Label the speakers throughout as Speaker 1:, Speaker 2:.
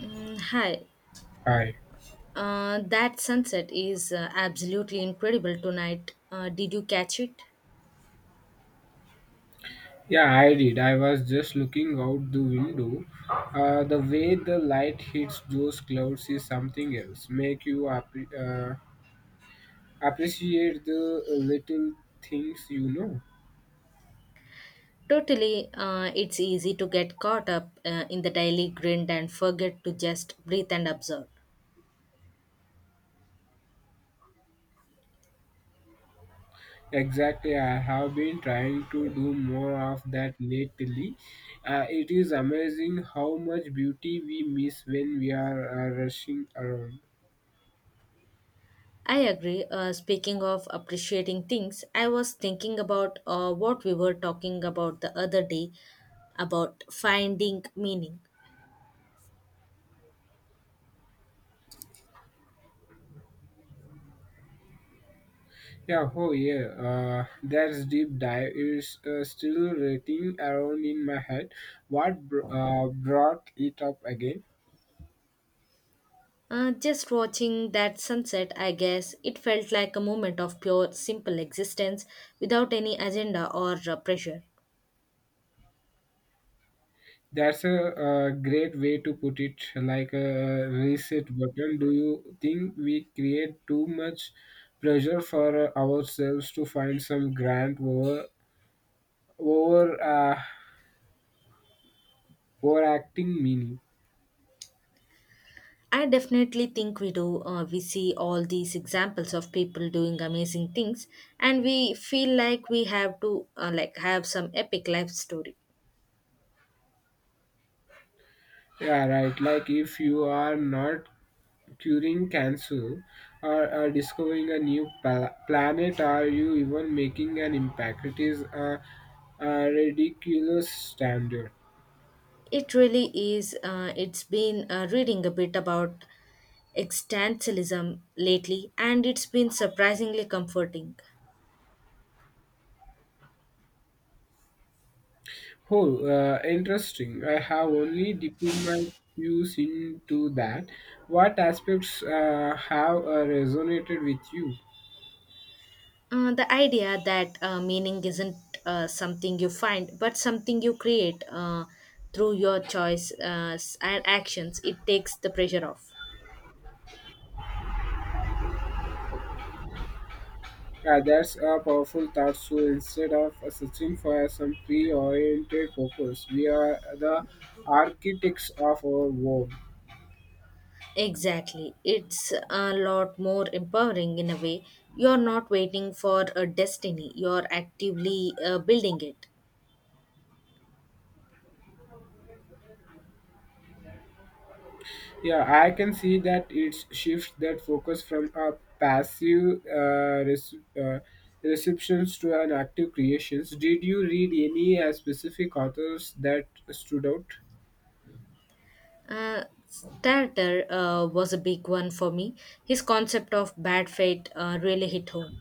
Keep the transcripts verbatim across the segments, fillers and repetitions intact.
Speaker 1: Mm, hi.
Speaker 2: Hi.
Speaker 1: Uh, that sunset is uh, absolutely incredible tonight. Uh, did you catch it?
Speaker 2: Yeah, I did. I was just looking out the window. Uh, the way the light hits those clouds is something else. Make you appre- uh, appreciate the little things you know.
Speaker 1: Totally, uh, it's easy to get caught up uh, in the daily grind and forget to just breathe and observe.
Speaker 2: Exactly. I have been trying to do more of that lately. Uh, it is amazing how much beauty we miss when we are uh, rushing around.
Speaker 1: I agree. Uh, speaking of appreciating things, I was thinking about uh, what we were talking about the other day about finding meaning.
Speaker 2: Yeah, oh yeah, uh, that's deep dive is uh, still rating around in my head. What br- uh, brought it up again?
Speaker 1: Uh, just watching that sunset, I guess, it felt like a moment of pure, simple existence without any agenda or uh, pressure.
Speaker 2: That's a, uh great way to put it, like a reset button. Do you think we create too much pressure for uh, ourselves to find some grand over over uh, overacting meaning?
Speaker 1: I definitely think we do. Uh, we see all these examples of people doing amazing things, and we feel like we have to uh, like have some epic life story.
Speaker 2: Yeah, right. Like if you are not curing cancer or, or discovering a new pla- planet, are you even making an impact? It is a, a ridiculous standard.
Speaker 1: It really is. Uh, it's been uh, reading a bit about existentialism lately, and it's been surprisingly comforting.
Speaker 2: Oh, uh, interesting. I have only dipped my views into that. What aspects uh, have uh, resonated with you?
Speaker 1: Uh, the idea that uh, meaning isn't uh, something you find, but something you create uh, through your choice uh, and actions, it takes the pressure off.
Speaker 2: Uh, that's a powerful thought. So instead of uh, searching for some pre-oriented purpose, we are the architects of our world.
Speaker 1: Exactly. It's a lot more empowering in a way. You're not waiting for a destiny, you're actively uh, building it.
Speaker 2: Yeah, I can see that it shifts that focus from a passive uh, rece- uh, receptions to an active creations. Did you read any uh, specific authors that stood out?
Speaker 1: Uh, Starter uh, was a big one for me. His concept of bad fate uh, really hit home.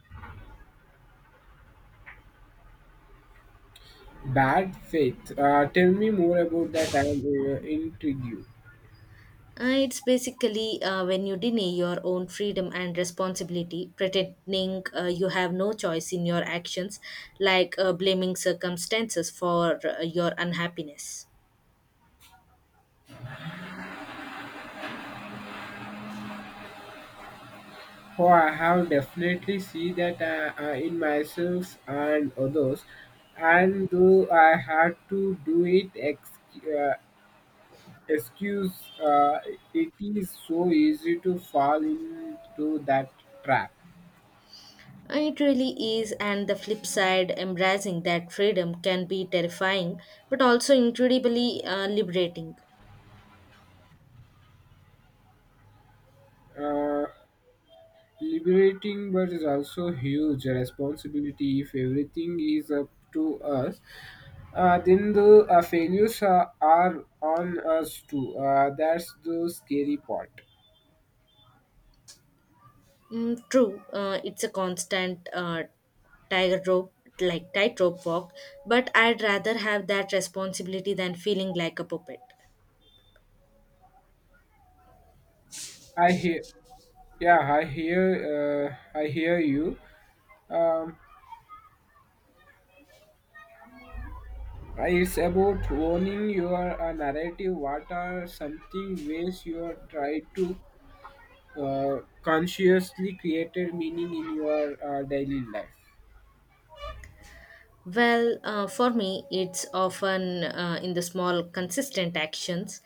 Speaker 2: Bad Faith. Uh, tell me more about that. I'm uh, intrigued.
Speaker 1: Uh, it's basically uh, when you deny your own freedom and responsibility, pretending uh, you have no choice in your actions, like uh, blaming circumstances for uh, your unhappiness.
Speaker 2: Oh, I have definitely see that uh, uh, in myself and others, and though I had to do it ex- uh, Excuse, uh, it is so easy to fall into that trap.
Speaker 1: Uh, It really is, and the flip side, embracing that freedom can be terrifying but also incredibly uh, liberating.
Speaker 2: Uh, Liberating, but it's also huge responsibility. If everything is up to us, uh, then the uh, failures are, are on us too. Uh, that's the scary part.
Speaker 1: Mm, true, uh, it's a constant uh, tightrope, like tightrope walk, but I'd rather have that responsibility than feeling like a puppet.
Speaker 2: I hear, yeah, I hear, uh, I hear you. Um, it's about owning your uh, narrative. What are something ways you are trying to uh, consciously created meaning in your uh, daily life?
Speaker 1: Well, uh, for me, it's often uh, in the small, consistent actions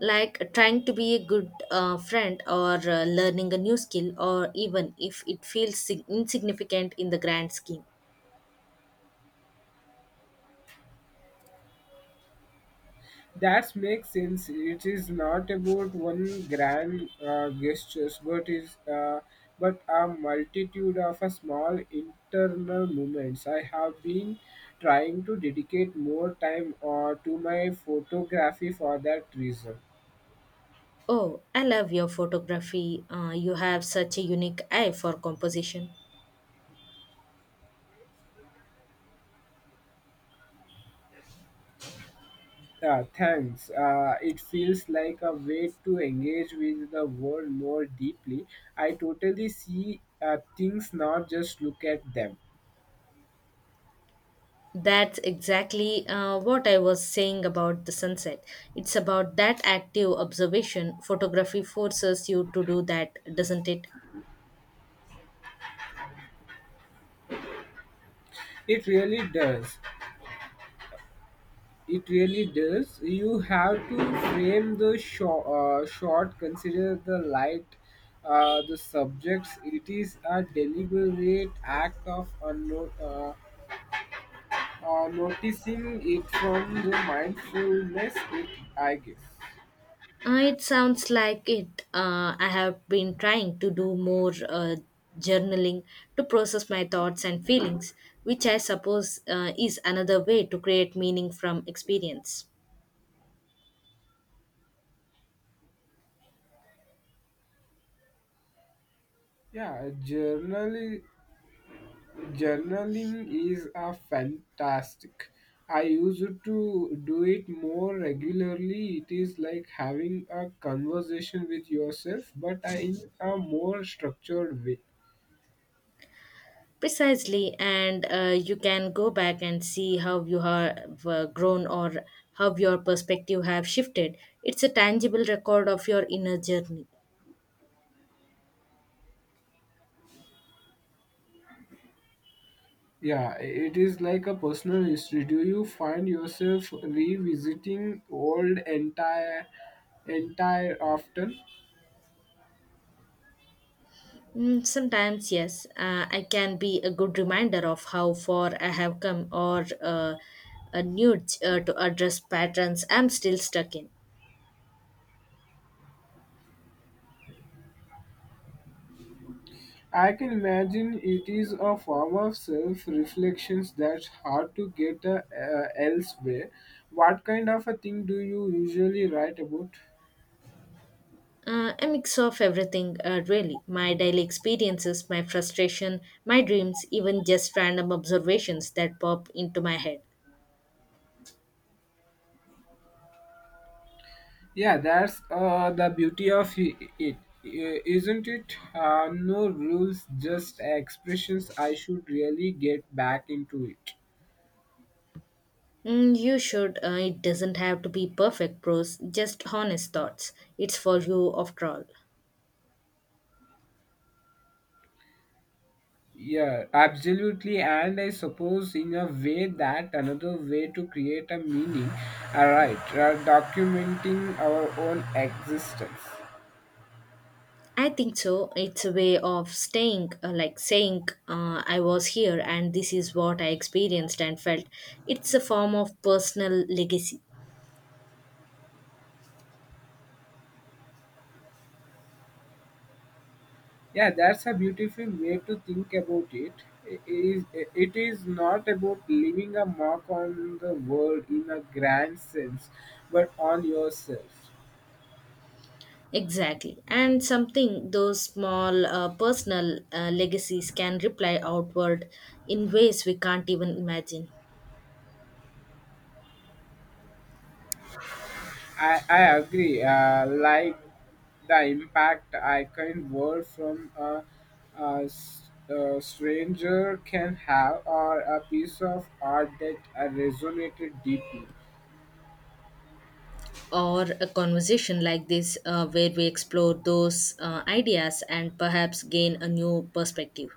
Speaker 1: like trying to be a good uh, friend or uh, learning a new skill, or even if it feels sig- insignificant in the grand scheme.
Speaker 2: That makes sense. It is not about one grand uh, gestures, but is uh, but a multitude of a small internal movements. I have been trying to dedicate more time uh, to my photography for that reason.
Speaker 1: Oh, I love your photography. Uh, you have such a unique eye for composition.
Speaker 2: Uh, thanks. Uh, it feels like a way to engage with the world more deeply. I totally see uh, things, not just look at them.
Speaker 1: That's exactly uh, what I was saying about the sunset. It's about that active observation. Photography forces you to do that, doesn't it?
Speaker 2: It really does. It really does. You have to frame the short, uh, short, consider the light, uh, the subjects. It is a deliberate act of unno- uh, uh, noticing it, from the mindfulness, it, I guess.
Speaker 1: Uh, it sounds like it. Uh, I have been trying to do more uh, journaling to process my thoughts and feelings, which I suppose uh, is another way to create meaning from experience.
Speaker 2: Yeah, journal Journaling is a fantastic. I used to do it more regularly. It is like having a conversation with yourself, but I, in a more structured way.
Speaker 1: Precisely, and uh, you can go back and see how you have uh, grown or how your perspective have shifted. It's a tangible record of your inner journey.
Speaker 2: Yeah, it is like a personal history. Do you find yourself revisiting old entire entire often?
Speaker 1: Mm, sometimes, yes, uh, I can be a good reminder of how far I have come or uh, a nudge uh, to address patterns I'm still stuck in.
Speaker 2: I can imagine it is a form of self reflection that's hard to get uh, uh, elsewhere. What kind of a thing do you usually write about?
Speaker 1: Uh, a mix of everything, uh, really. My daily experiences, my frustration, my dreams, even just random observations that pop into my head.
Speaker 2: Yeah, that's uh, the beauty of i- it, i- isn't it? Uh, no rules, just expressions. I should really get back into it.
Speaker 1: Mm, you should. Uh, it doesn't have to be perfect prose, just honest thoughts. It's for you after all.
Speaker 2: Yeah, absolutely. And I suppose, in a way, that another way to create a meaning, alright, uh, documenting our own existence.
Speaker 1: I think so. It's a way of staying, uh, like saying, uh, I was here and this is what I experienced and felt. It's a form of personal legacy.
Speaker 2: Yeah, that's a beautiful way to think about it. It is, it is not about leaving a mark on the world in a grand sense, but on yourself.
Speaker 1: Exactly. And something those small uh, personal uh, legacies can reply outward in ways we can't even imagine.
Speaker 2: I, I agree. Uh, like the impact I can word from a, a s- a stranger can have, or a piece of art that uh, resonated deeply.
Speaker 1: Or a conversation like this, uh, where we explore those uh, ideas and perhaps gain a new perspective.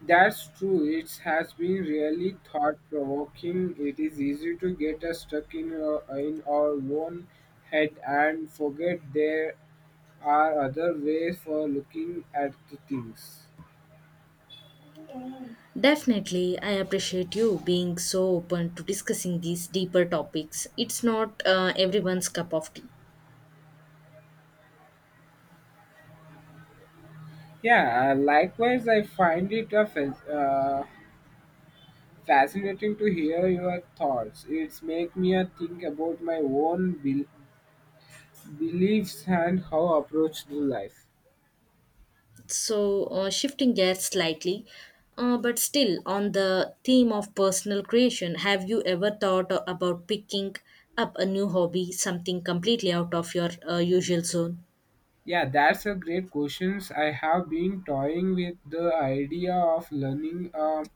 Speaker 2: That's true. It has been really thought provoking. It is easy to get us stuck in our, in our own head and forget there are other ways for looking at the things.
Speaker 1: Definitely, I appreciate you being so open to discussing these deeper topics. It's not uh, everyone's cup of tea.
Speaker 2: Yeah, uh, likewise, I find it a fan- uh, fascinating to hear your thoughts. It's make me a think about my own bel- beliefs and how I approach the life.
Speaker 1: So, uh, shifting gears slightly, uh, but still on the theme of personal creation, have you ever thought a- about picking up a new hobby, something completely out of your uh, usual zone?
Speaker 2: Yeah, that's a great questions. I have been toying with the idea of learning uh,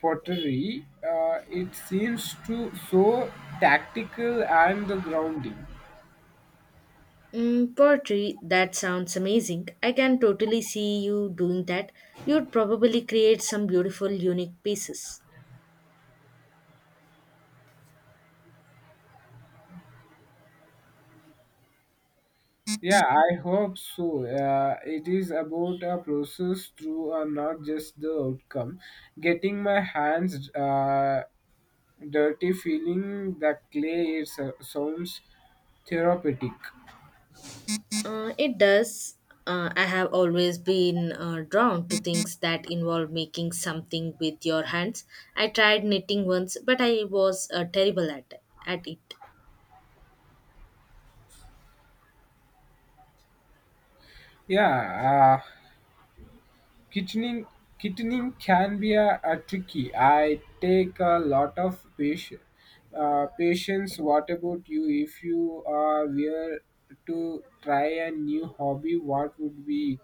Speaker 2: pottery. Uh, it seems to so tactical and the grounding.
Speaker 1: Mm, poetry, that sounds amazing. I can totally see you doing that. You'd probably create some beautiful, unique pieces.
Speaker 2: Yeah, I hope so. Uh, it is about a process through uh, not just the outcome. Getting my hands uh, dirty, feeling the clay is uh, sounds therapeutic.
Speaker 1: Uh, it does. Uh, I have always been uh, drawn to things that involve making something with your hands. I tried knitting once, but I was uh, terrible at, at it.
Speaker 2: yeah uh, kitchening Kitchening can be a, a tricky. I take a lot of patience, uh, patience. What about you? If you uh, were to try a new hobby, what would be?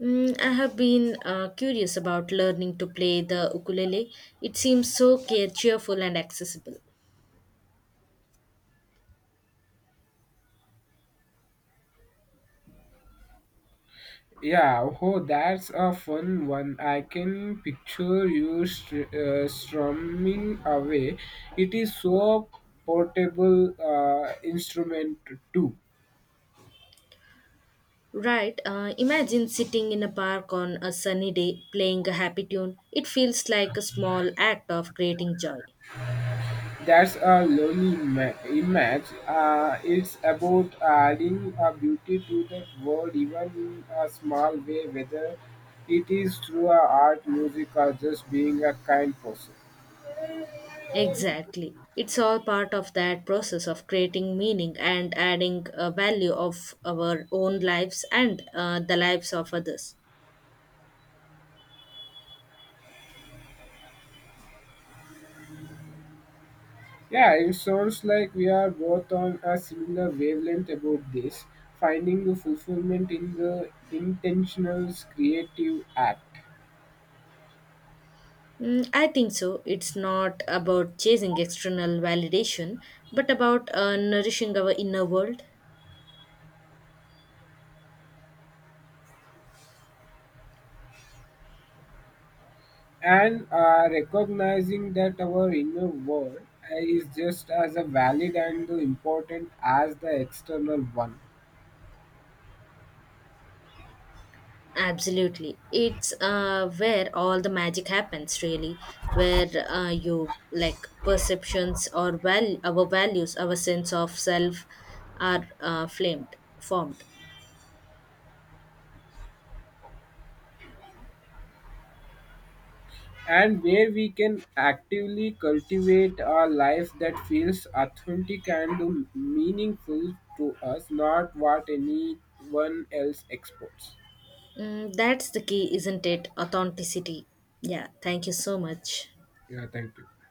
Speaker 1: Mm, I have been uh, curious about learning to play the ukulele. It seems so care- cheerful and accessible.
Speaker 2: Yeah, oh, that's a fun one. I can picture you str- uh, strumming away. It is so portable uh, instrument too.
Speaker 1: Right, uh, imagine sitting in a park on a sunny day playing a happy tune. It feels like a small act of creating joy.
Speaker 2: That's a lovely ima- image. Uh, it's about adding a beauty to the world, even in a small way, whether it is through a art, music, or just being a kind person.
Speaker 1: Exactly. It's all part of that process of creating meaning and adding a value of our own lives and uh, the lives of others.
Speaker 2: Yeah, it sounds like we are both on a similar wavelength about this, finding the fulfillment in the intentional creative act.
Speaker 1: Mm, I think so. It's not about chasing external validation, but about uh, nourishing our inner world.
Speaker 2: And uh, recognizing that our inner world uh, is just as a valid and important as the external one.
Speaker 1: Absolutely. It's uh, where all the magic happens, really, where uh, you like perceptions or val- our values, our sense of self are uh, flamed, formed.
Speaker 2: And where we can actively cultivate a life that feels authentic and meaningful to us, not what anyone else exports.
Speaker 1: Mm, that's the key, isn't it? Authenticity. Yeah, thank you so much.
Speaker 2: Yeah, thank you.